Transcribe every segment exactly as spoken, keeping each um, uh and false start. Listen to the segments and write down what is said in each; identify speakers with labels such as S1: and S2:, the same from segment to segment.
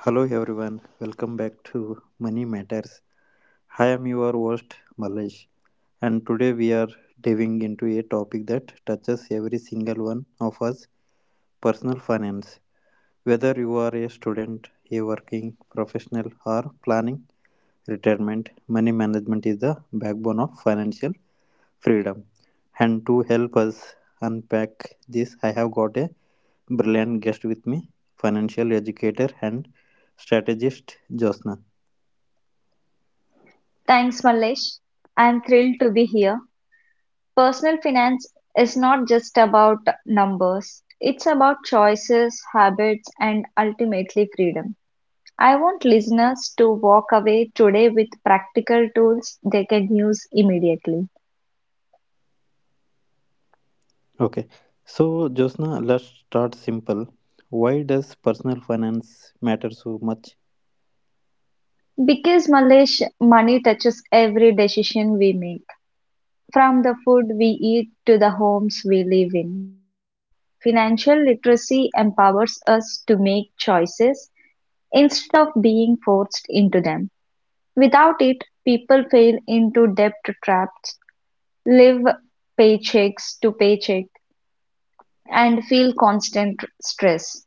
S1: Hello everyone, welcome back to Money Matters. I am your host Malesh, and today we are diving into a topic that touches every single one of us, personal finance. Whether you are a student, a working professional, or planning retirement, money management is the backbone of financial freedom. And to help us unpack this, I have got a brilliant guest with me, financial educator and strategist Josna.
S2: Thanks, Mallesh. I'm thrilled to be here. Personal finance is not just about numbers, it's about choices, habits, and ultimately freedom. I want listeners to walk away today with practical tools they can use immediately.
S1: Okay, so Josna, let's start simple. Why does personal finance matter so much?
S2: Because, Mallesh, money touches every decision we make, from the food we eat to the homes we live in. Financial literacy empowers us to make choices instead of being forced into them. Without it, people fall into debt traps, live paychecks to paycheck, and feel constant stress.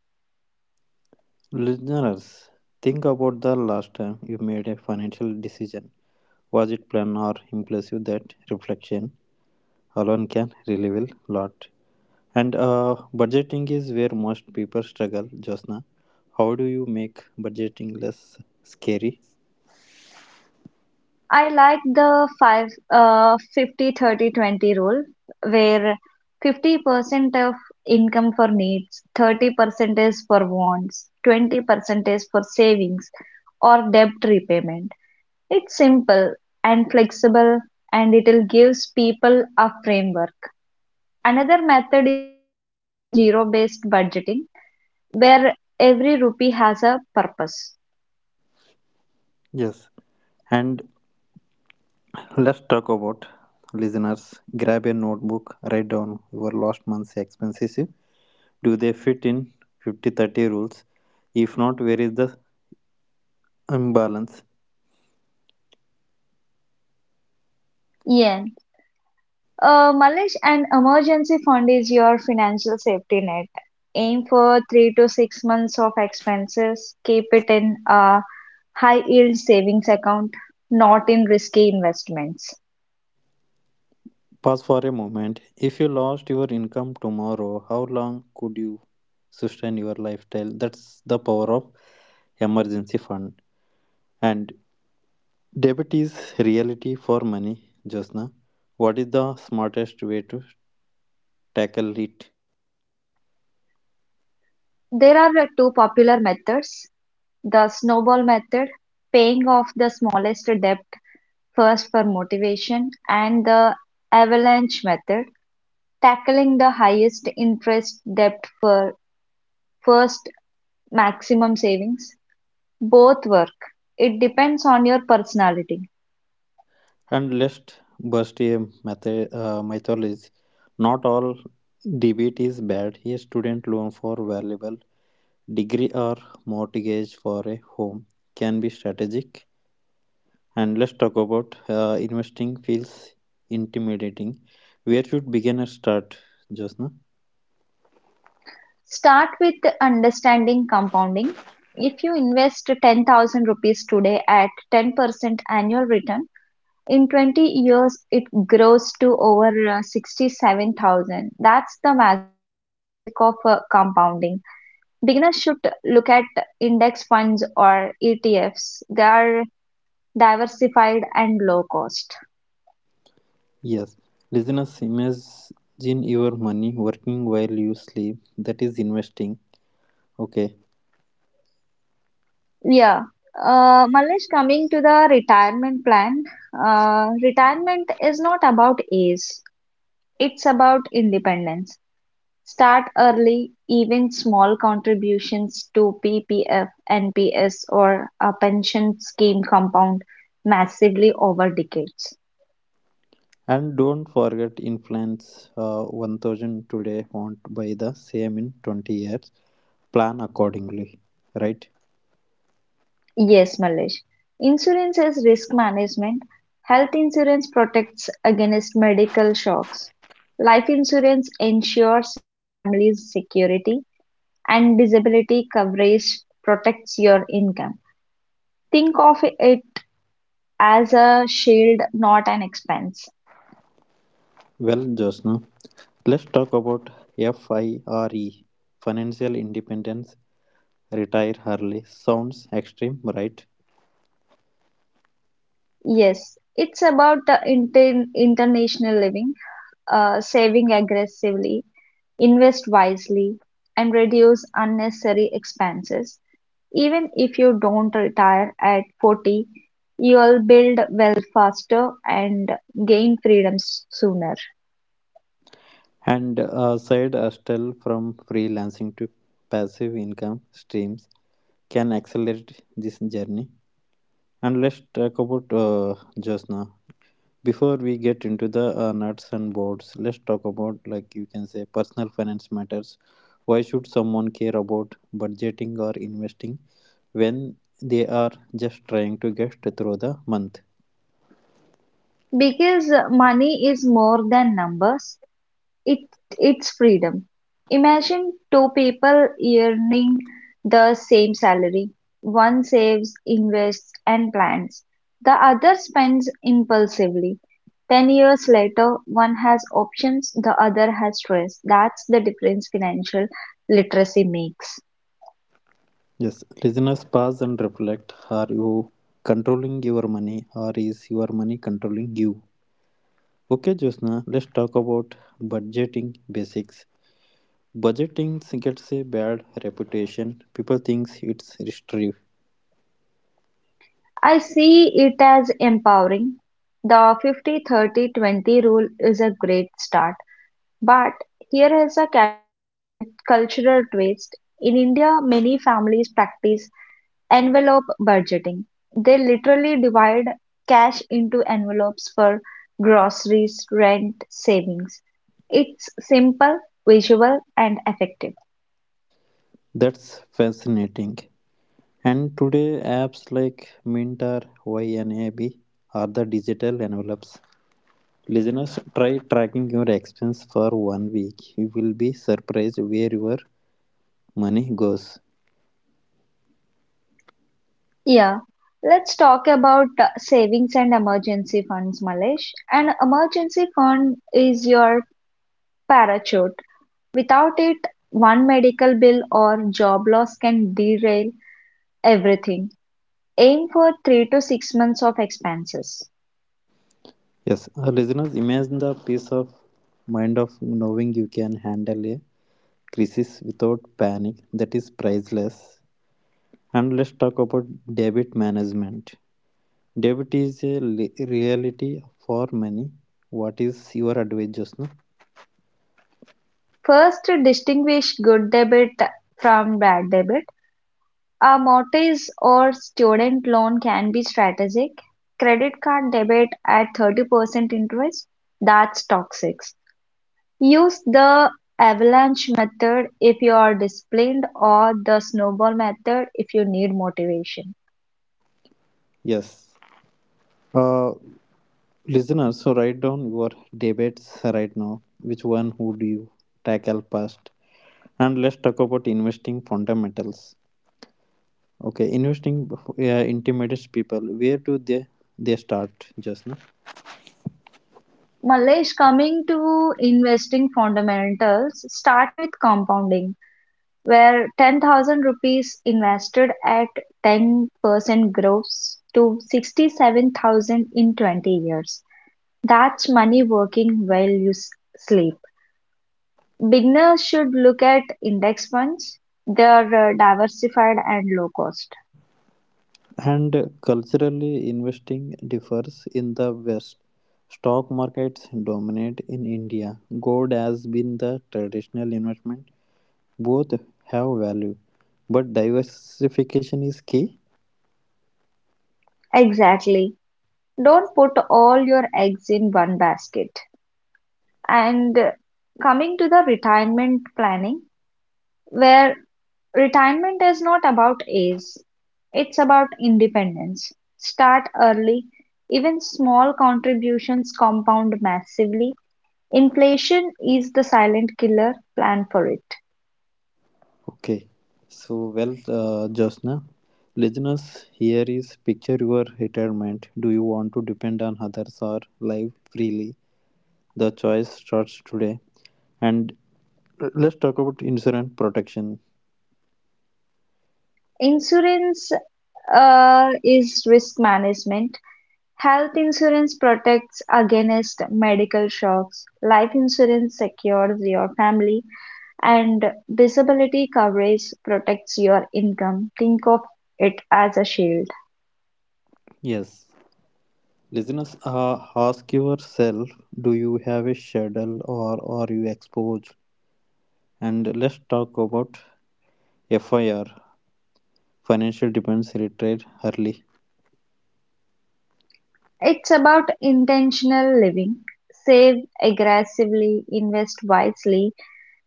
S1: Listeners, think about the last time you made a financial decision. Was it planned or impulsive? That reflection alone can reveal a lot. And uh, budgeting is where most people struggle, Josna. How do you make budgeting less scary?
S2: I like the five, uh, fifty thirty twenty rule where fifty percent of income for needs, thirty percent is for wants, twenty percent is for savings or debt repayment. It's simple and flexible and it gives people a framework. Another method is zero based budgeting where every rupee has a purpose.
S1: Yes. And let's talk about, listeners, grab a notebook, write down your last month's expenses. Do they fit in fifty thirty rules? If not, where is the imbalance?
S2: Yeah. Uh, Malesh, an emergency fund is your financial safety net. Aim for three to six months of expenses. Keep it in a high yield savings account, not in risky investments.
S1: Pause for a moment. If you lost your income tomorrow, how long could you sustain your lifestyle? That's the power of emergency fund. And debt is reality for money, Josna. What is the smartest way to tackle it?
S2: There are uh, two popular methods, the snowball method, paying off the smallest debt first for motivation, and the avalanche method, tackling the highest interest debt for first maximum savings. Both work, it depends on your personality.
S1: And let's bust a method, uh, mythology. Not all debit is bad. A student loan for valuable degree or mortgage for a home can be strategic. And let's talk about, uh, investing feels intimidating. Where should beginners start, Josna?
S2: Start with understanding compounding. If you invest ten thousand rupees today at ten percent annual return, in twenty years it grows to over uh, sixty-seven thousand. That's the magic of uh, compounding. Beginners should look at index funds or E T Fs. They are diversified and low cost.
S1: Yes, listeners, imagine your money working while you sleep. That is investing. Okay,
S2: Yeah. Uh, Malesh, coming to the retirement plan, uh, retirement is not about age, it's about independence. Start early, even small contributions to P P F, N P S, or a pension scheme compound massively over decades.
S1: and don't forget influence, uh, one thousand today won't buy the same in twenty years. Plan accordingly, right?
S2: Yes, Malesh. Insurance is risk management. Health insurance protects against medical shocks. Life insurance ensures your family's security. and disability coverage protects your income. Think of it as a shield, not an expense.
S1: Well, Josna, let's talk about FIRE, financial independence, retire early. Sounds extreme, right?
S2: Yes, it's about the inter- international living, uh, saving aggressively, invest wisely, and reduce unnecessary expenses. Even if you don't retire at forty, you'll build wealth faster and gain freedom s- sooner.
S1: And a side hustle, from freelancing to passive income streams, can accelerate this journey. And let's talk about, uh, just now. Before we get into the uh, nuts and bolts, let's talk about, like you can say, personal finance matters. Why should someone care about budgeting or investing when they are just trying to get through the month?
S2: Because uh, money is more than numbers, It it's freedom. Imagine two people earning the same salary. One saves, invests, and plans. The other spends impulsively. Ten years later, one has options, the other has stress. That's the difference financial literacy makes.
S1: Yes, listeners, pause and reflect. Are you controlling your money or is your money controlling you? Okay, Josna, let's talk about budgeting basics. Budgeting gets a bad reputation. People think it's restrictive.
S2: I see it as empowering. The fifty thirty twenty rule is a great start. But here is a cal- cultural twist: in India, many families practice envelope budgeting. They literally divide cash into envelopes for groceries, rent, savings. It's simple, visual, and effective.
S1: That's fascinating. And today, apps like Mint or YNAB are the digital envelopes. Listeners, try tracking your expense for one week. You will be surprised where your money goes.
S2: Yeah, let's talk about uh, savings and emergency funds, Malesh. An emergency fund is your parachute. Without it, one medical bill or job loss can derail everything. Aim for three to six months of expenses.
S1: Yes, uh, listeners, imagine the peace of mind of knowing you can handle a crisis without panic. That is priceless. And let's talk about debit management. Debit is a li- reality for many. What is your advice, Josna?
S2: First, distinguish good debit from bad debit. A mortgage or student loan can be strategic. Credit card debit at thirty percent interest, that's toxic. Use the avalanche method if you are disciplined or the snowball method if you need motivation.
S1: Yes. Uh, Listeners, so write down your debates right now. Which one would you tackle first? And let's talk about investing fundamentals. Okay, investing, uh, intimidates people. Where do they they start, just now?
S2: Mallesh, coming to investing fundamentals, start with compounding, where ten thousand rupees invested at ten percent grows to sixty-seven thousand in twenty years. That's money working while you s- sleep. Beginners should look at index funds. They are uh, diversified and low cost.
S1: And culturally, investing differs in the West. Stock markets dominate in India. Gold has been the traditional investment. Both have value, but diversification is key.
S2: Exactly. Don't put all your eggs in one basket. And uh, coming to the retirement planning where retirement is not about age, it's about independence. Start early, even small contributions compound massively. Inflation is the silent killer, plan for it.
S1: Okay, so well, uh, Josna, listeners, here is, picture your retirement. Do you want to depend on others or live freely? The choice starts today. And uh, let's talk about insurance protection.
S2: Insurance uh, is risk management. Health insurance protects against medical shocks, life insurance secures your family, and disability coverage protects your income. Think of it as a shield.
S1: Yes, listeners, uh, ask yourself, do you have a schedule or are you exposed? And let's talk about FIR, financial dependence, retired early.
S2: It's about intentional living. Save aggressively, invest wisely,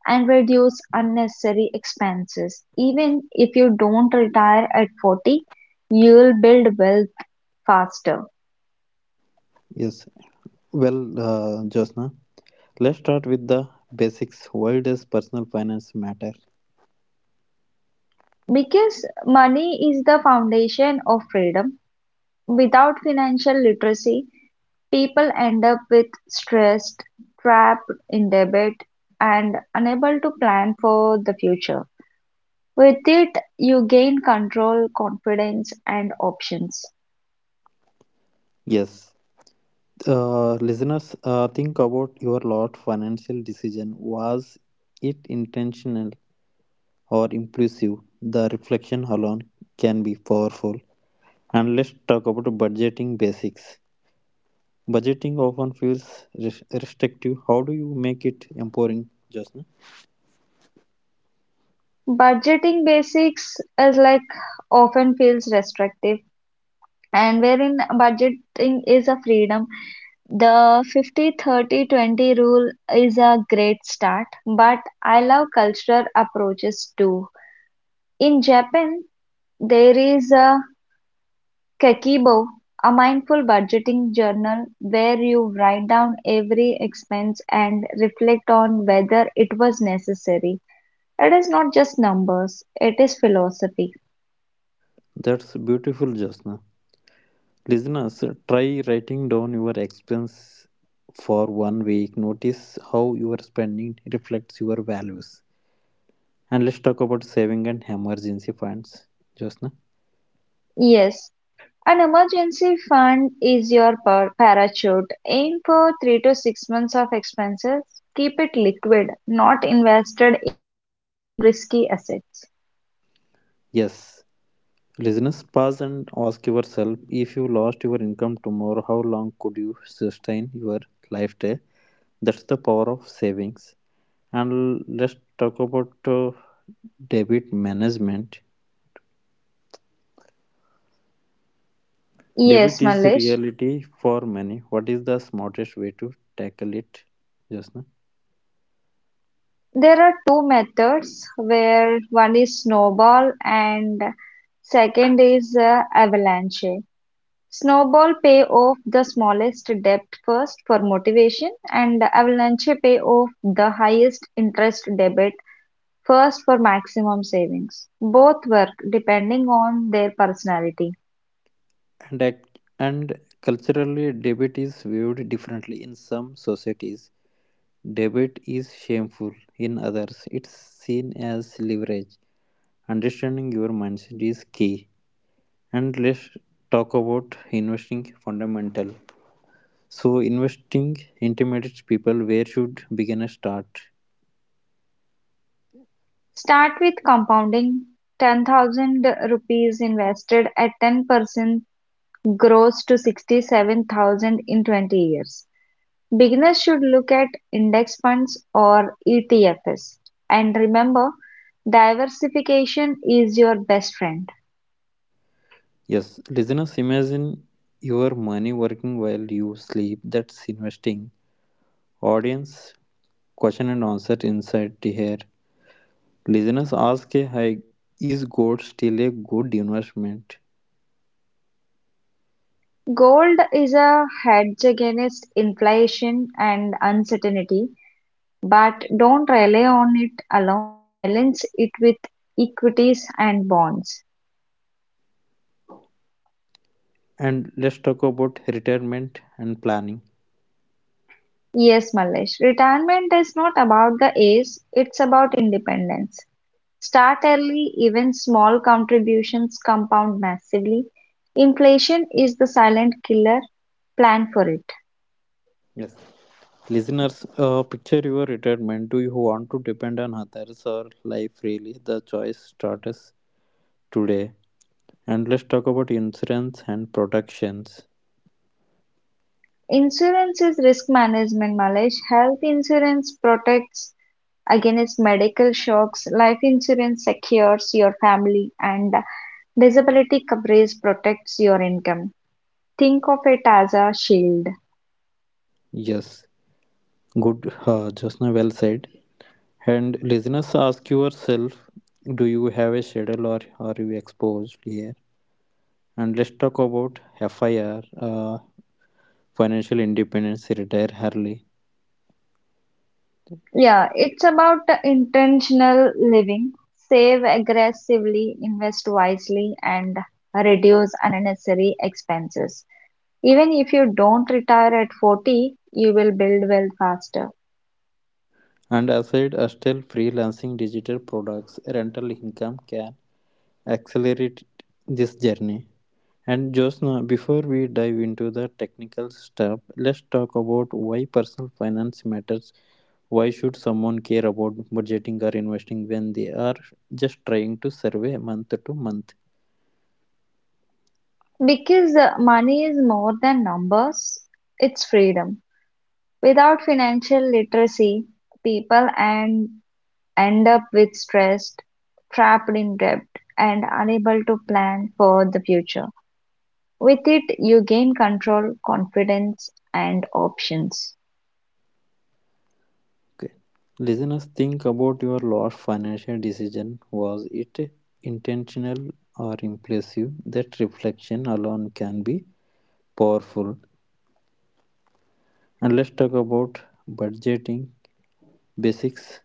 S2: and reduce unnecessary expenses. Even if you don't retire at forty, you'll build wealth faster.
S1: Yes, well, uh, Josna, let's start with the basics. Why does personal finance matter?
S2: Because money is the foundation of freedom. Without financial literacy, people end up with stressed, trapped in their debt, and unable to plan for the future. With it, you gain control, confidence, and options.
S1: Yes, uh, listeners, uh, think about your lot financial decision. Was it intentional or impulsive? The reflection alone can be powerful. And let's talk about budgeting basics. Budgeting often feels res- restrictive. How do you make it empowering, Josna?
S2: Budgeting basics is like often feels restrictive, and wherein budgeting is a freedom. The fifty thirty twenty rule is a great start, but I love cultural approaches too. In Japan, there is a Kekibo, a mindful budgeting journal where you write down every expense and reflect on whether it was necessary. It is not just numbers, it is philosophy.
S1: That's beautiful, Josna. Listeners, try writing down your expense for one week. Notice how your spending reflects your values. And let's talk about saving and emergency funds, Josna.
S2: Yes, An emergency fund is your par- parachute. Aim for three to six months of expenses. Keep it liquid, not invested in risky assets.
S1: Yes, listeners, pause and ask yourself, if you lost your income tomorrow, how long could you sustain your lifestyle? That's the power of savings. And let's talk about, uh, debit management. Debit
S2: Yes,
S1: is the
S2: Malesh.
S1: reality for many. What is the smartest way to tackle it, Josna?
S2: There are two methods where one is snowball and second is uh, avalanche. Snowball pay off the smallest debt first for motivation and avalanche pay off the highest interest debit First for maximum savings. Both work depending on their personality.
S1: And act- and culturally, debit is viewed differently in some societies. Debit is shameful in others, it's seen as leverage. Understanding your mindset is key. And let's talk about investing fundamental. So, investing intimidates people. Where should beginners start?
S2: Start with compounding ten thousand rupees invested at ten percent grows to sixty-seven thousand in twenty years. Beginners should look at index funds or E T Fs. And remember, diversification is your best friend.
S1: Yes, listeners, imagine your money working while you sleep. That's investing. Audience question and answer inside here. Listeners ask, "Hey, is gold still a good investment?
S2: Gold is a hedge against inflation and uncertainty, But don't rely on it alone, balance it with equities and bonds.
S1: And let's talk about retirement and planning.
S2: Yes, Mallesh. retirement is not about the age, it's about independence. Start early, even small contributions compound massively. Inflation is the silent killer, plan for it.
S1: Yes. Listeners, uh, picture your retirement. Do you want to depend on others or life freely? The choice starts today. And let's talk about insurance and protections.
S2: Insurance is risk management, Malesh. Health insurance protects against medical shocks, life insurance secures your family, and disability coverage protects your income. Think of it as a shield.
S1: Yes, good, uh, Josna, well said. And listeners, ask yourself, do you have a schedule or are you exposed here? And let's talk about F I R, uh, financial independence, retire early.
S2: Yeah, it's about intentional living. Save aggressively, invest wisely, and reduce unnecessary expenses. Even if you don't retire at forty, you will build wealth faster.
S1: And aside still, freelancing, digital products, rental income can accelerate this journey. And Josna, before we dive into the technical stuff, let's talk about why personal finance matters. Why should someone care about budgeting or investing when they are just trying to survey month to month?
S2: Because uh, money is more than numbers, it's freedom. Without financial literacy, people and end up with stressed, trapped in debt, and unable to plan for the future. With it, you gain control, confidence, and options.
S1: Okay. Listeners, think about your last financial decision. Was it intentional or impulsive? That reflection alone can be powerful. And let's talk about budgeting basics,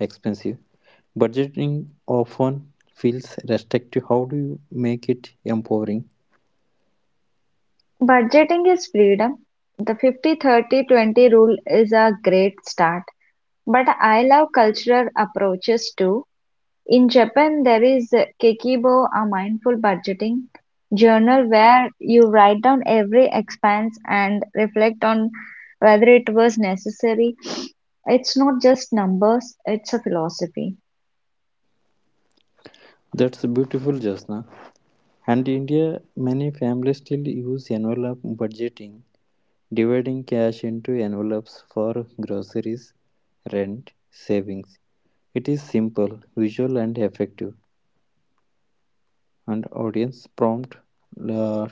S1: expensive. Budgeting often feels restrictive. How do you make it empowering?
S2: Budgeting is freedom. The fifty thirty twenty rule is a great start, but I love cultural approaches too. In Japan there is "Keikibo", a mindful budgeting journal where you write down every expense and reflect on whether it was necessary. It's not just numbers, it's a philosophy.
S1: That's beautiful, Jasna. And in India, many families still use envelope budgeting, dividing cash into envelopes for groceries, rent, savings. It is simple, visual, and effective. And audience prompt, uh,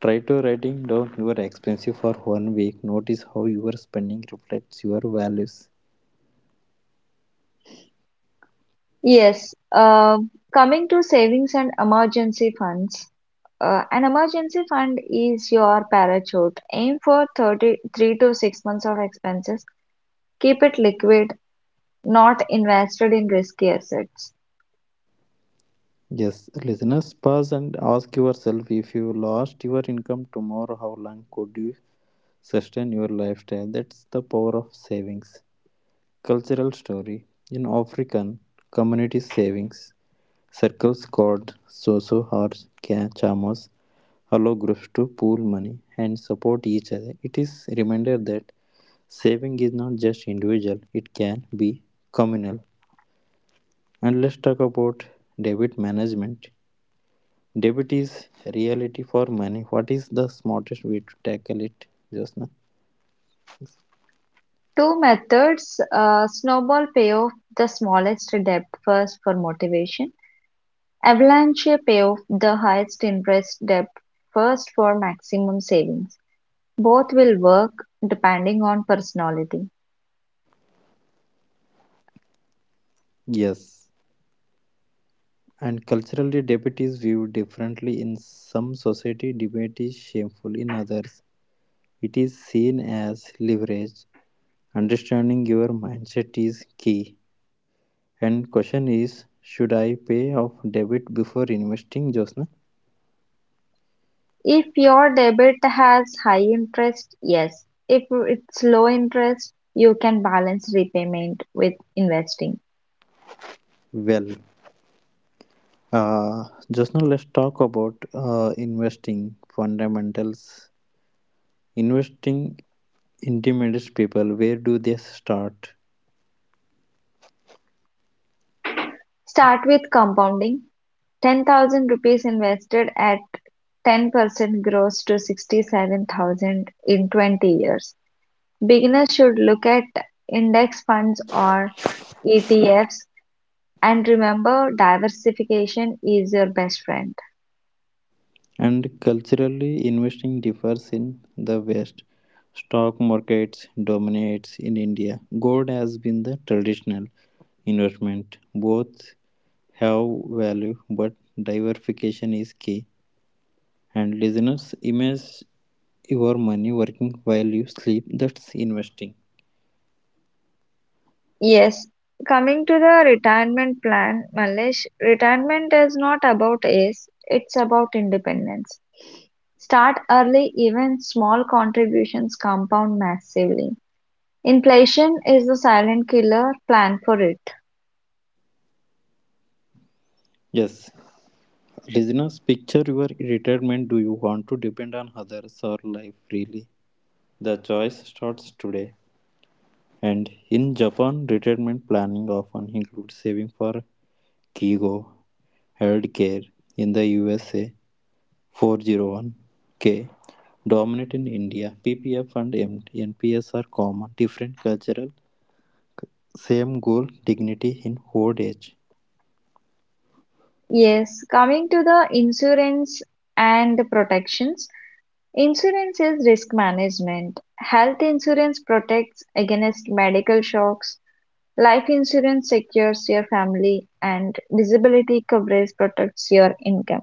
S1: try to writing down your expenses for one week. Notice how your spending reflects your values.
S2: Yes, uh, coming to savings and emergency funds. Uh, an emergency fund is your parachute. Aim for thirty-three to six months of expenses. Keep it liquid, not invested in risky assets.
S1: Yes, listeners, pause and ask yourself, if you lost your income tomorrow, how long could you sustain your lifestyle? That's the power of savings. Cultural story. In African community savings, circles called soso or cha- chamos allow groups to pool money and support each other. It is a reminder that saving is not just individual, it can be communal. And let's talk about debt management. Debt is reality for many. What is the smartest way to tackle it, Josna?
S2: Two methods uh, snowball payoff the smallest debt first for motivation, avalanche payoff the highest interest debt first for maximum savings. Both will work depending on personality.
S1: Yes. And culturally, debt is viewed differently in some society. Debt is shameful in others. It is seen as leverage. Understanding your mindset is key. And question is, should I pay off debt before investing, Josna?
S2: If your debit has high interest, yes. If it's low interest, you can balance repayment with investing.
S1: Well, Uh, just now, let's talk about, uh, investing fundamentals. Investing intimidates people. Where do they start?
S2: Start with compounding. Ten thousand rupees invested at ten percent grows to sixty-seven thousand in twenty years. Beginners should look at index funds or E T Fs and remember diversification is your best friend.
S1: And culturally, investing differs in the West. Stock markets dominates in India. Gold has been the traditional investment. Both have value, but diversification is key. And listeners, imagine your money working while you sleep. That's investing.
S2: Yes, coming to the retirement plan, Malesh, retirement is not about age, it's about independence. Start early, even small contributions compound massively. Inflation is the silent killer, plan for it.
S1: Yes, listeners, picture your retirement. Do you want to depend on others or live freely? The choice starts today. And in Japan, retirement planning often includes saving for Kigo, healthcare. In the U S A, four oh one k, dominant in India, P P F and M- N P S are common, different cultural, same goal, dignity in old age.
S2: Yes, coming to the insurance and the protections. Insurance is risk management. Health insurance protects against medical shocks. Life insurance secures your family and disability coverage protects your income.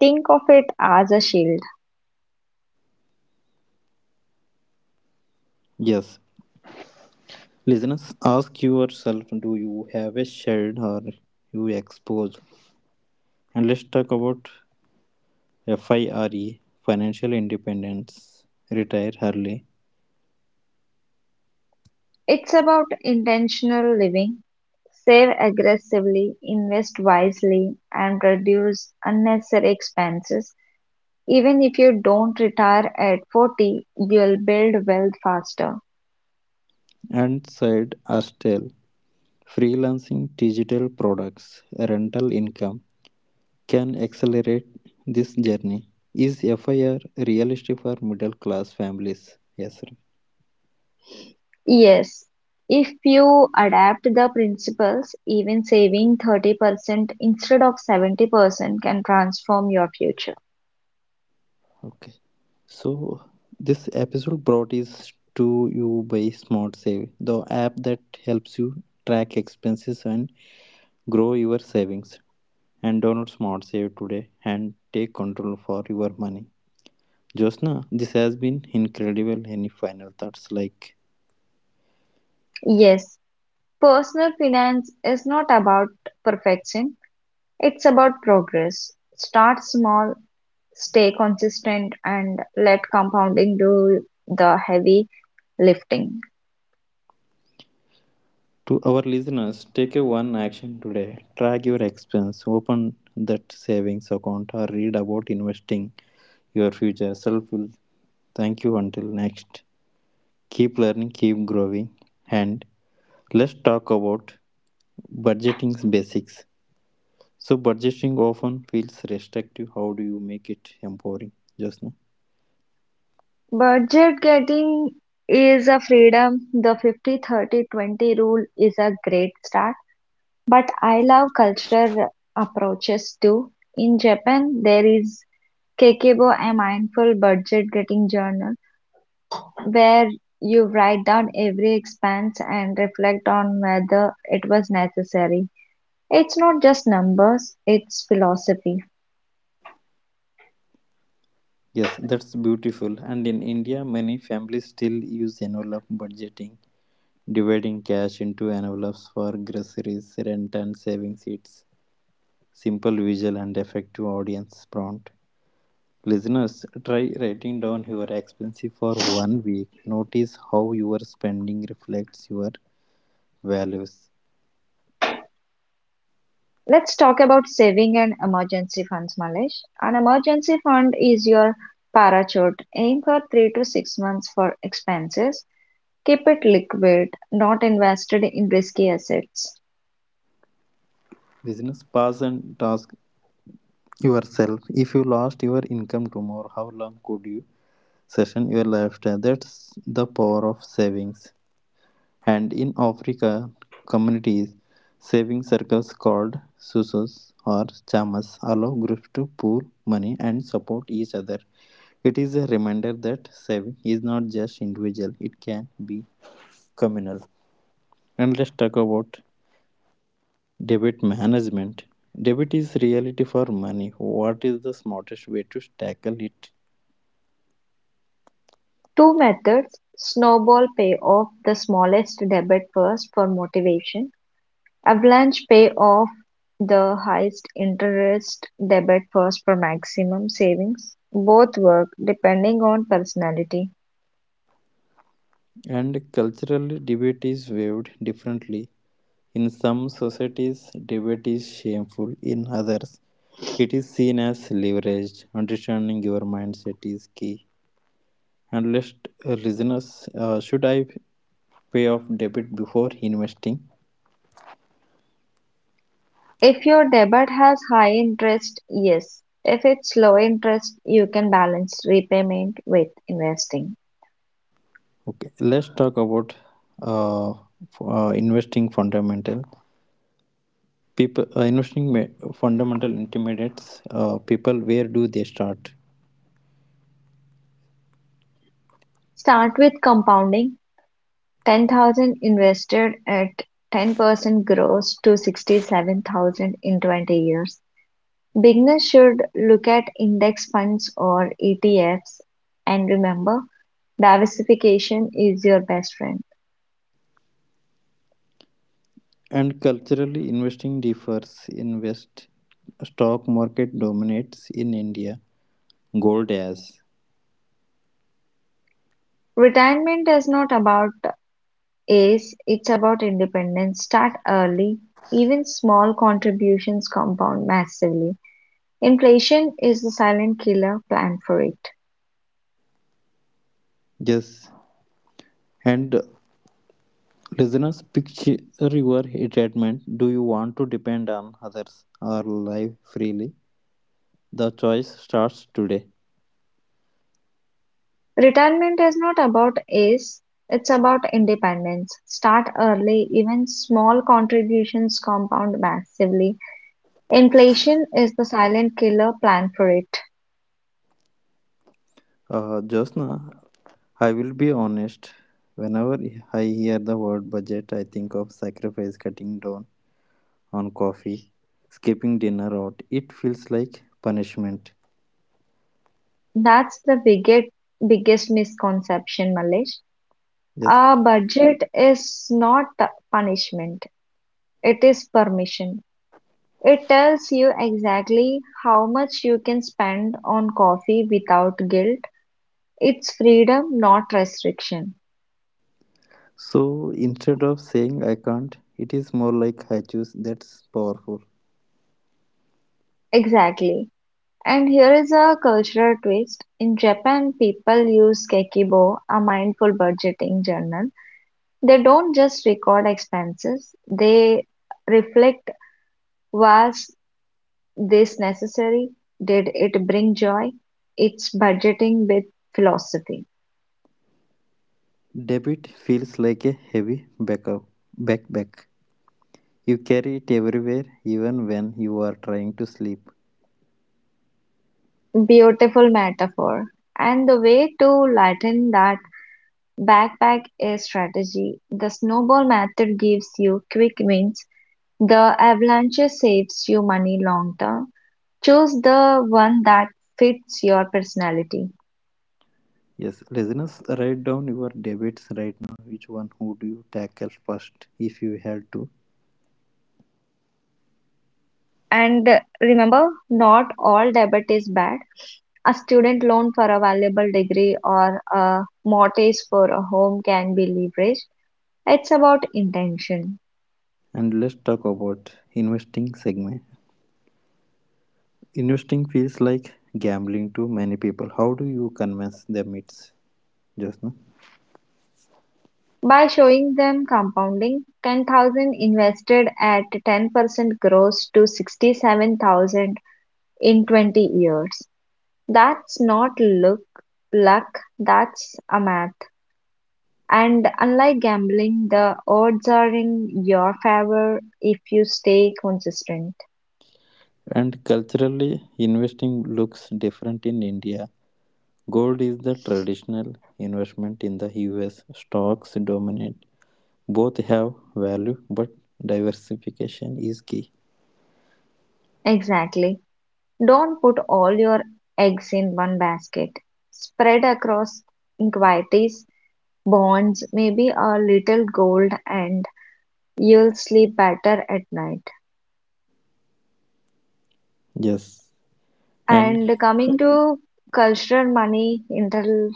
S2: Think of it as a shield.
S1: Yes, listeners, ask yourself, do you have a shared or you exposed? And let's talk about FIRE, financial independence, retire early,
S2: It's about intentional living. Save aggressively, invest wisely, and reduce unnecessary expenses. Even if you don't retire at forty, you'll build wealth faster.
S1: and side hustle, freelancing, digital products, rental income can accelerate this journey. Is FIRE realistic for middle class families? Yes, sir.
S2: Yes, if you adapt the principles, even saving thirty percent instead of seventy percent can transform your future.
S1: Okay. So this episode brought is to you by Smart Save, the app that helps you track expenses and grow your savings. And download Smart Save today and take control for your money. Josna, this has been incredible. Any final thoughts? Like,
S2: Yes, personal finance is not about perfection, it's about progress. Start small, stay consistent, and let compounding do the heavy lifting.
S1: to our listeners, take a one action today. Track your expense, open that savings account, or read about investing. Your future self will thank you. Until next, keep learning, keep growing. And let's talk about budgeting basics. So budgeting often feels restrictive. How do you make it empowering, just?
S2: Budget getting is a freedom. The fifty thirty twenty rule is a great start, but I love cultural approaches too. In Japan, there is Kekebo, a mindful budget getting journal, where you write down every expense and reflect on whether it was necessary. It's not just numbers, it's philosophy.
S1: Yes, that's beautiful. And in India, many families still use envelope budgeting, dividing cash into envelopes for groceries, rent, and savings. It's simple, visual, and effective. Audience prompt, listeners, try writing down your expenses for one week. Notice how your spending reflects your values.
S2: Let's talk about saving and emergency funds, Malesh. An emergency fund is your parachute. Aim for three to six months for expenses. Keep it liquid, not invested in risky assets.
S1: Business pass and task yourself. If you lost your income tomorrow, how long could you session your lifestyle? That's the power of savings. And in African communities, saving circles called susus or chamas allow groups to pool money and support each other. It is a reminder that saving is not just individual, it can be communal. And let's talk about debit management. Debit is reality for money. What is the smartest way to tackle it?
S2: Two methods snowball pay off the smallest debit first for motivation, avalanche pay off the highest interest debit first for maximum savings. Both work depending on personality.
S1: And culturally, debit is viewed differently. In some societies, debate is shameful. In others, it is seen as leveraged. Understanding your mindset is key. And let, uh, listeners, uh, should I pay off debit before investing?
S2: If your debit has high interest, yes. If it's low interest, you can balance repayment with investing.
S1: Okay, let's talk about, uh, f- uh, investing fundamental. People, uh, investing ma- fundamental intimidates, uh, people. Where do they start?
S2: Start with compounding ten thousand invested at ten percent gross to sixty-seven thousand in twenty years. Beginners should look at index funds or E T Fs and remember diversification is your best friend.
S1: And culturally, investing differs. Invest stock market dominates in India, gold as.
S2: Retirement is not about Is it's about independence. Start early. Even small contributions compound massively. Inflation is the silent killer. Plan for it.
S1: Yes, and listeners, picture your treatment. Do you want to depend on others or live freely? The choice starts today.
S2: Retirement is not about is. It's about independence. Start early. Even small contributions compound massively. Inflation is the silent killer. Plan for it.
S1: uh, Josna, I will be honest. Whenever I hear the word budget, I think of sacrifice, cutting down on coffee, skipping dinner out. It feels like punishment.
S2: That's the biggest, biggest misconception, Malesh.
S1: Yes.
S2: A budget is not punishment. It is permission. It tells you exactly how much you can spend on coffee without guilt. It's freedom, not restriction.
S1: So instead of saying I can't, it is more like I choose. That's powerful.
S2: Exactly. And here is a cultural twist. In Japan, people use Kekibo, a mindful budgeting journal. They don't just record expenses, they reflect was this necessary? Did it bring joy? It's budgeting with philosophy.
S1: Debt feels like a heavy backup, backpack. You carry it everywhere, even when you are trying to sleep.
S2: Beautiful metaphor. And the way to lighten that backpack is strategy. The snowball method gives you quick wins. The avalanche saves you money long term. Choose the one that fits your personality.
S1: Yes, listeners, write down your debits right now. Which one would you tackle first if you had to?
S2: And remember, not all debit is bad. A student loan for a valuable degree or a mortgage for a home can be leveraged. It's about intention.
S1: And let's talk about investing segment. Investing feels like gambling to many people. How do you convince them it's just? No?
S2: By showing them compounding, ten thousand invested at ten percent grows to sixty-seven thousand in twenty years. That's not look luck, that's a math. And unlike gambling, the odds are in your favor if you stay consistent.
S1: And culturally, investing looks different in India. Gold is the traditional investment in the U S. Stocks dominate. Both have value, but diversification is key.
S2: Exactly. Don't put all your eggs in one basket. Spread across equities, bonds, maybe a little gold, and you'll sleep better at night.
S1: Yes. And
S2: And coming to cultural money interlude,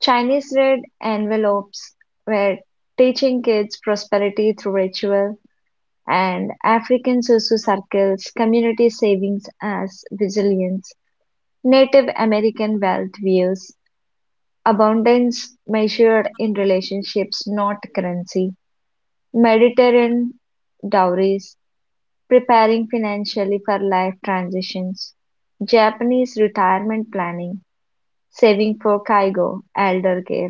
S2: Chinese red envelopes were teaching kids prosperity through ritual, and African susu circles, community savings as resilience, Native American wealth views, abundance measured in relationships, not currency, Mediterranean dowries, preparing financially for life transitions, Japanese retirement planning, saving for kaigo, elder care.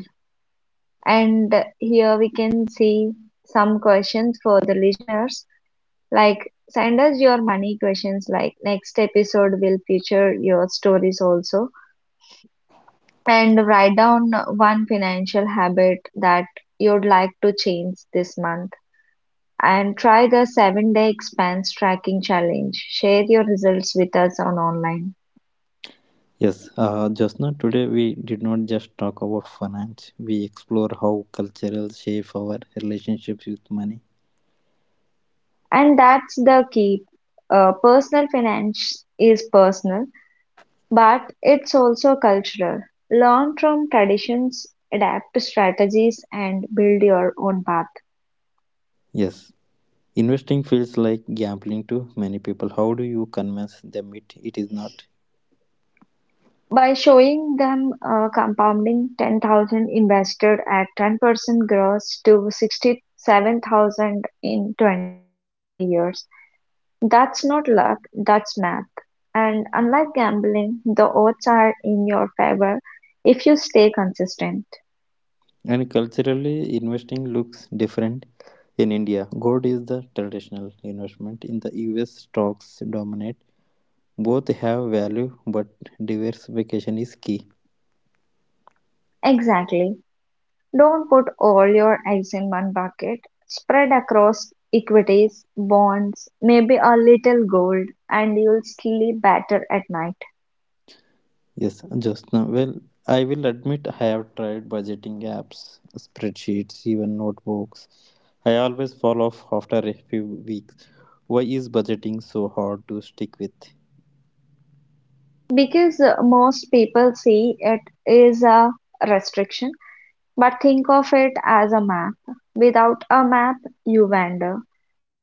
S2: And here we can see some questions for the listeners. Like, send us your money questions. Like, next episode will feature your stories also. And write down one financial habit that you'd like to change this month and try the seven day expense tracking challenge. Share your results with us on online.
S1: yes, uh, just now today we did not just talk about finance. We explore how cultural shape our relationships with money.
S2: And that's the key. Uh, personal finance is personal, but it's also cultural. Learn from traditions, adapt to strategies, and build your own path.
S1: Yes. Investing feels like gambling to many people. How do you convince them it, it is not?
S2: By showing them uh, compounding, ten thousand invested at ten percent gross to sixty-seven thousand in twenty years, that's not luck, that's math. And unlike gambling, the odds are in your favor if you stay consistent.
S1: And culturally, investing looks different in India. Gold is the traditional investment. In the U S, stocks dominate. Both have value, but diversification is key.
S2: Exactly. Don't put all your eggs in one bucket. Spread across equities, bonds, maybe a little gold, and you'll sleep better at night.
S1: Yes, just well, I will admit I have tried budgeting apps, spreadsheets, even notebooks. I always fall off after a few weeks. Why is budgeting so hard to stick with?
S2: Because uh, most people see it is a restriction, but think of it as a map. Without a map, you wander.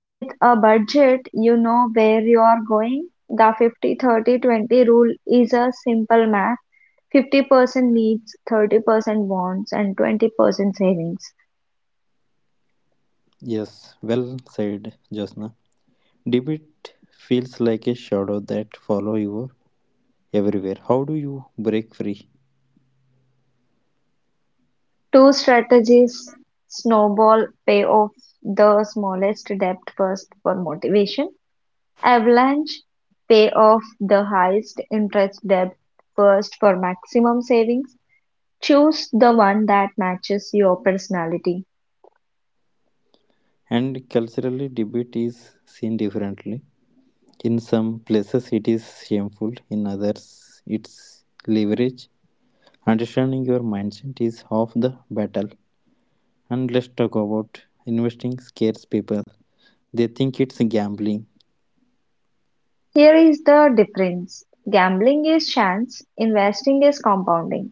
S2: With a budget, you know where you are going. The fifty, thirty, twenty rule is a simple math. Fifty percent needs, thirty percent wants, and twenty percent savings.
S1: Yes, well said, Josna. Debit feels like a shadow that follow you everywhere. How do you break free?
S2: Two strategies: snowball, pay off the smallest debt first for motivation. Avalanche, pay off the highest interest debt first for maximum savings. Choose the one that matches your personality.
S1: And culturally, debate is seen differently. In some places, it is shameful, in others, it's leverage. Understanding your mindset is half the battle. And let's talk about investing scares people. They think it's gambling.
S2: Here is the difference. Gambling is chance, investing is compounding.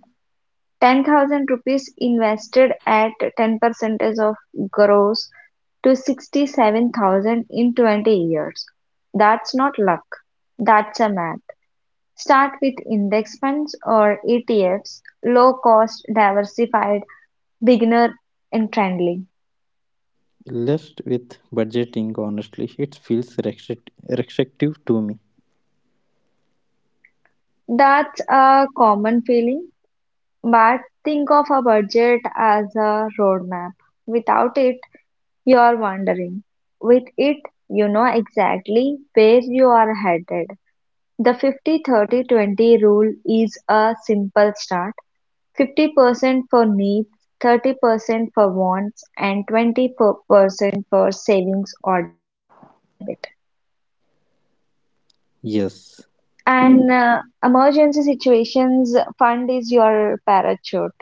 S2: Ten thousand rupees invested at ten percent of gross to sixty-seven thousand in twenty years. That's not luck. That's a math. Start with index funds or E T Fs, low cost, diversified, beginner and friendly.
S1: Left with budgeting, honestly, it feels restrict- restrictive to me.
S2: That's a common feeling. But think of a budget as a roadmap. Without it, you're wandering. With it, you know exactly where you are headed. The fifty thirty twenty rule is a simple start: fifty percent for needs, thirty percent for wants, and twenty percent for savings or debit.
S1: Yes,
S2: An uh, emergency situations fund is your parachute.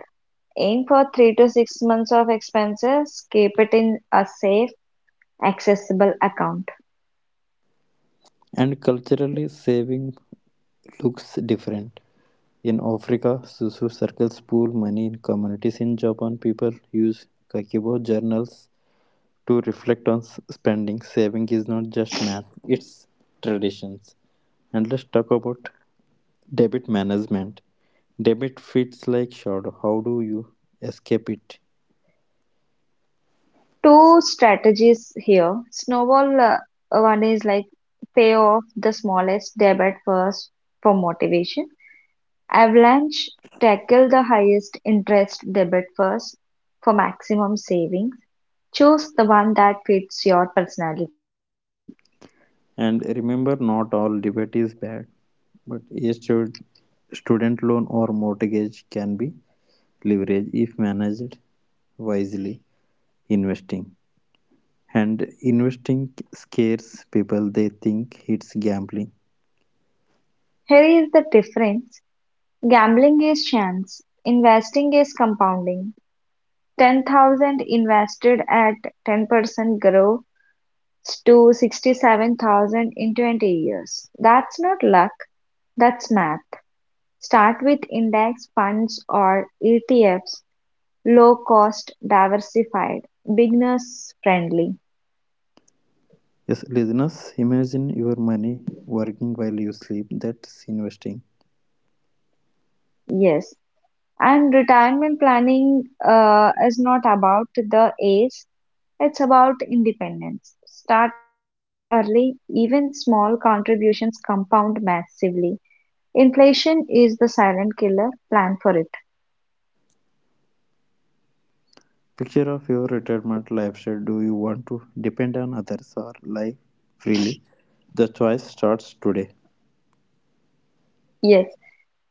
S2: Aim for three to six months of expenses, keep it in a safe, accessible account.
S1: and culturally, saving looks different. In Africa, Susu circles pool money in communities. In Japan, people use Kakeibo journals to reflect on spending. Saving is not just math, it's traditions. And let's talk about debit management. Debit feels like shadow. How do you escape it?
S2: Two strategies here. Snowball uh, one is like pay off the smallest debt first for motivation. Avalanche, tackle the highest interest debt first for maximum savings. Choose the one that fits your personality.
S1: And remember, not all debit is bad, but a stu- student loan or mortgage can be leveraged if managed wisely. Investing. And investing scares people, they think it's gambling.
S2: Here is the difference. Gambling is chance, investing is compounding. Ten thousand invested at ten percent grows to sixty-seven thousand in twenty years. That's not luck, that's math. Start with index funds or E T Fs, low cost, diversified, beginners friendly.
S1: Yes, listeners, imagine your money working while you sleep. That's investing.
S2: Yes. And retirement planning uh, is not about the age, it's about independence. Start early, even small contributions compound massively. Inflation is the silent killer. Plan for it.
S1: Picture of your retirement lifestyle. Do you want to depend on others or live freely? The choice starts today.
S2: Yes.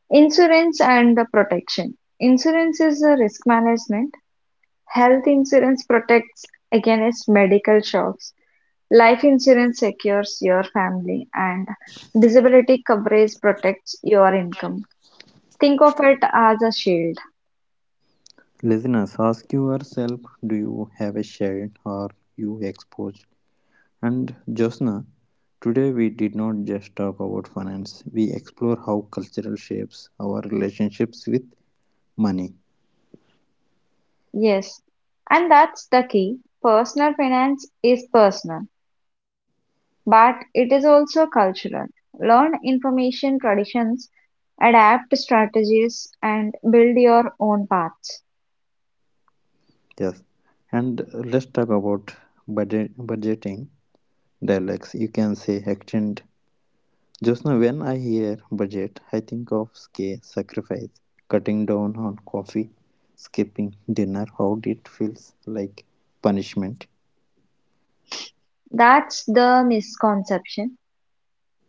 S2: Insurance and the protection. Insurance is a risk management. Health insurance protects against medical shocks. Life insurance secures your family and disability coverage protects your income. Think of it as a shield.
S1: Listeners, ask yourself, do you have a shared or you exposed? And, Josna, today we did not just talk about finance, we explore how cultural shapes our relationships with money.
S2: Yes. And that's the key. Personal finance is personal. But it is also cultural: learn information traditions, adapt strategies, and build your own paths.
S1: Yes. And let's talk about budget budgeting dialects. You can say extend, just now when I hear budget, I think of scale sacrifice, cutting down on coffee, skipping dinner. How it feels like punishment.
S2: That's the misconception.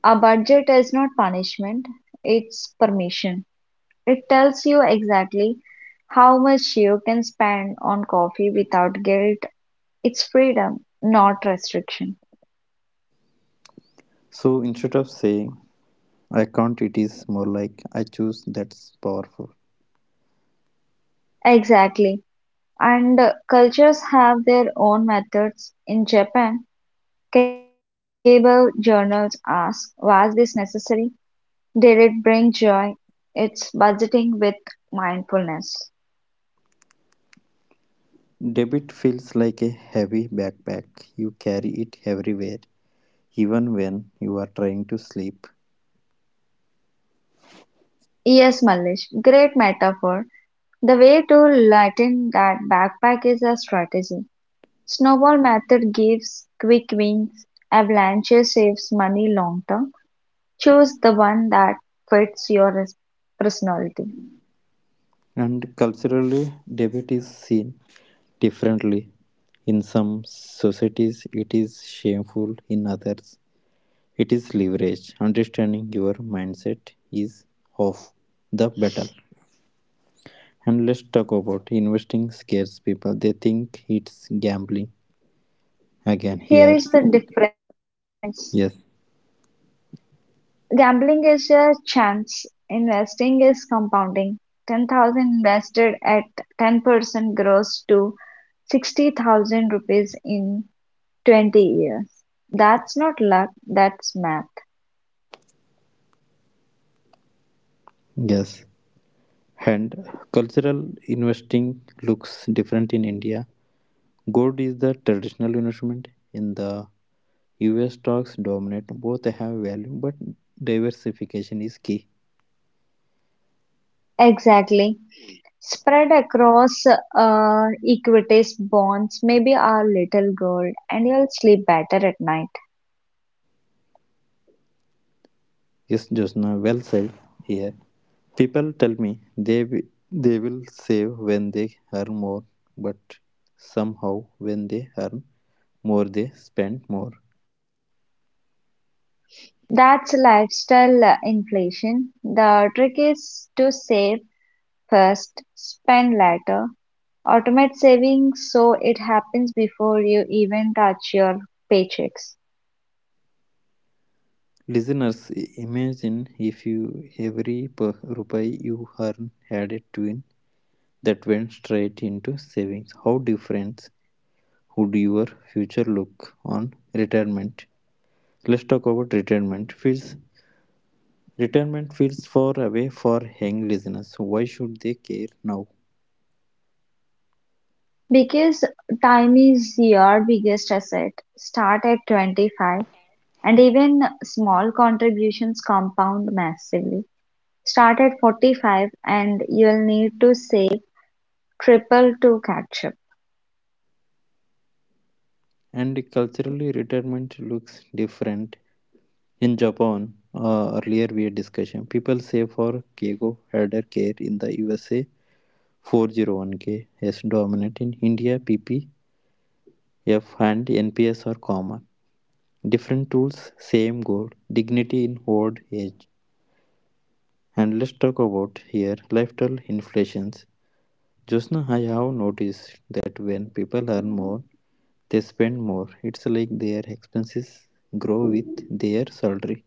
S2: A budget is not punishment, it's permission. It tells you exactly how much you can spend on coffee without guilt. It's freedom, not restriction.
S1: So instead of saying I can't, it is more like I choose. That's powerful.
S2: Exactly. And uh, cultures have their own methods. In Japan, Kakebo journals ask, was this necessary? Did it bring joy? It's budgeting with mindfulness.
S1: Debit feels like a heavy backpack. You carry it everywhere, even when you are trying to sleep.
S2: E. S. Mallish, great metaphor. The way to lighten that backpack is a strategy. Snowball method gives quick wins, avalanche saves money long term. Choose the one that fits your personality.
S1: And culturally, debate is seen differently. In some societies, it is shameful, in others, it is leverage. Understanding your mindset is of the battle. And let's talk about investing scares people. They think it's gambling. Again,
S2: Here
S1: here,
S2: is the difference.
S1: yes,
S2: Gambling is a chance, investing is compounding: ten thousand invested at ten percent grows to sixty thousand rupees in twenty years. That's not luck, that's math.
S1: yes. And cultural investing looks different in India. Gold is the traditional investment in the U S stocks dominate, both have value, but diversification is key.
S2: Exactly. Spread across uh, equities, bonds, maybe a little gold, and you'll sleep better at night.
S1: Yes, Josna, well said here. People tell me they, wi- they will save when they earn more, but somehow when they earn more, they spend more.
S2: That's lifestyle uh, inflation. The trick is to save first, spend later. Automate savings so it happens before you even touch your paychecks.
S1: Listeners, i- imagine if you every per- rupee you earn had a twin that went straight into savings. How different would your future look on retirement? Let's talk about retirement fees. Retirement feels far away for young listeners. Why should they care now?
S2: Because time is your biggest asset. Start at twenty-five and even small contributions compound massively. Start at forty-five and you'll need to save triple to catch up.
S1: And culturally, retirement looks different. In Japan, uh, earlier we had discussion. People save for Keigo elder care in the U S A. four oh one k is dominant in India. P P F and N P S are common. Different tools, same goal. Dignity in old age. And let's talk about here lifestyle inflations. Just now, I have noticed that when people earn more, they spend more. It's like their expenses grow with their salary.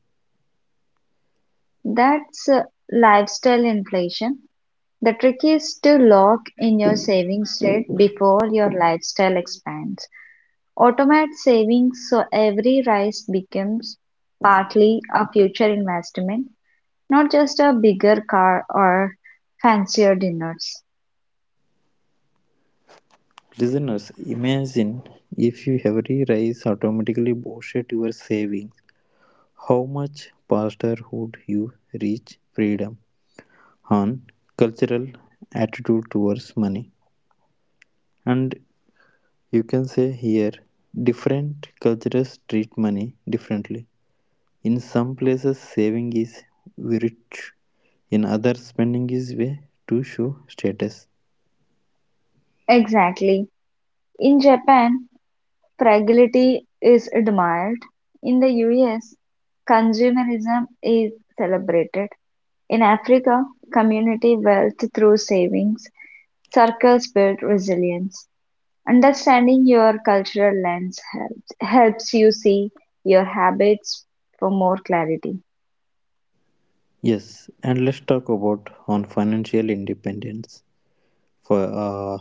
S2: That's uh, lifestyle inflation. The trick is to lock in your savings rate before your lifestyle expands. Automate savings so every rise becomes partly a future investment, not just a bigger car or fancier dinners.
S1: Listeners, imagine if you every rise automatically boosted your savings. How much faster would you reach freedom on cultural attitude towards money? And you can say here, different cultures treat money differently. In some places saving is virtue, in others spending is way to show status.
S2: Exactly. In Japan, fragility is admired. In the U S, consumerism is celebrated. In Africa, community wealth through savings circles build resilience. Understanding your cultural lens helps helps you see your habits for more clarity.
S1: Yes, and let's talk about on financial independence. For uh,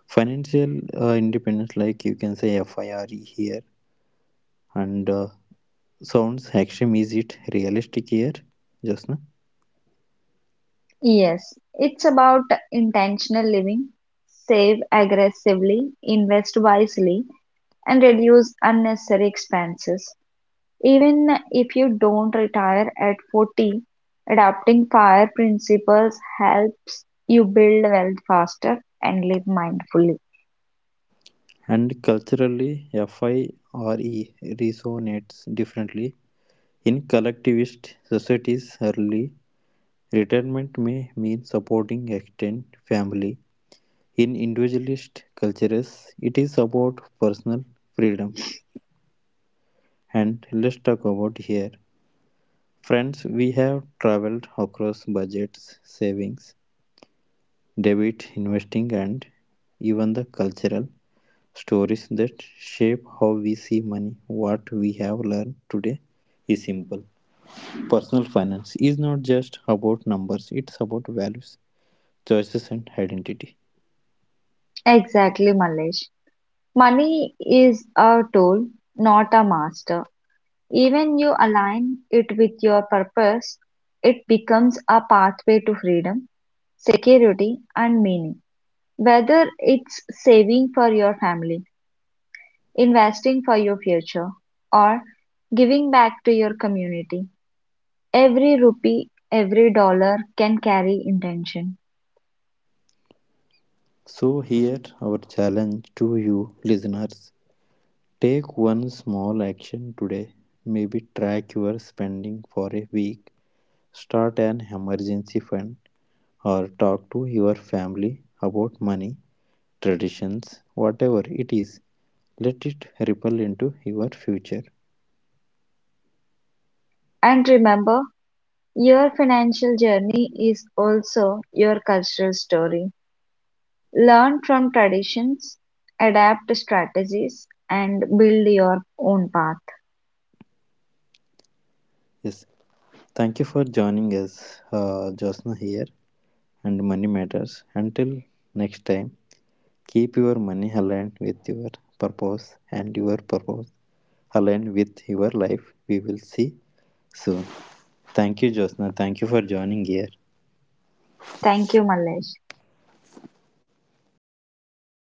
S1: financial uh, independence, like you can say FIRE here, and uh, sounds extreme. Is it realistic here, just now?
S2: Yes, it's about intentional living. Save aggressively, invest wisely, and reduce unnecessary expenses. Even if you don't retire at forty, adopting FIRE principles helps you build wealth faster and live mindfully.
S1: And culturally, FIRE resonates differently in collectivist societies. Early retirement may mean supporting extended family; in individualist cultures, it is about personal freedom. And let's talk about here. Friends, we have traveled across budgets, savings, debit, investing, and even the cultural stories that shape how we see money. What we have learned today is simple. Personal finance is not just about numbers, it's about values, choices, and identity.
S2: Exactly, Malesh. Money is a tool, not a master. Even you align it with your purpose, it becomes a pathway to freedom, security, and meaning. Whether it's saving for your family, investing for your future, or giving back to your community, every rupee, every dollar can carry intention.
S1: So, here our challenge to you listeners, take one small action today. Maybe track your spending for a week, start an emergency fund, or talk to your family about money, traditions, whatever it is. Let it ripple into your future.
S2: And remember, your financial journey is also your cultural story. Learn from traditions, adapt strategies, and build your own path.
S1: Yes, thank you for joining us, uh, Josna here, and Money Matters. Until next time, keep your money aligned with your purpose and your purpose aligned with your life. We will see soon. Thank you, Jyotsna. Thank you for joining here.
S2: Thank you, Mallesh.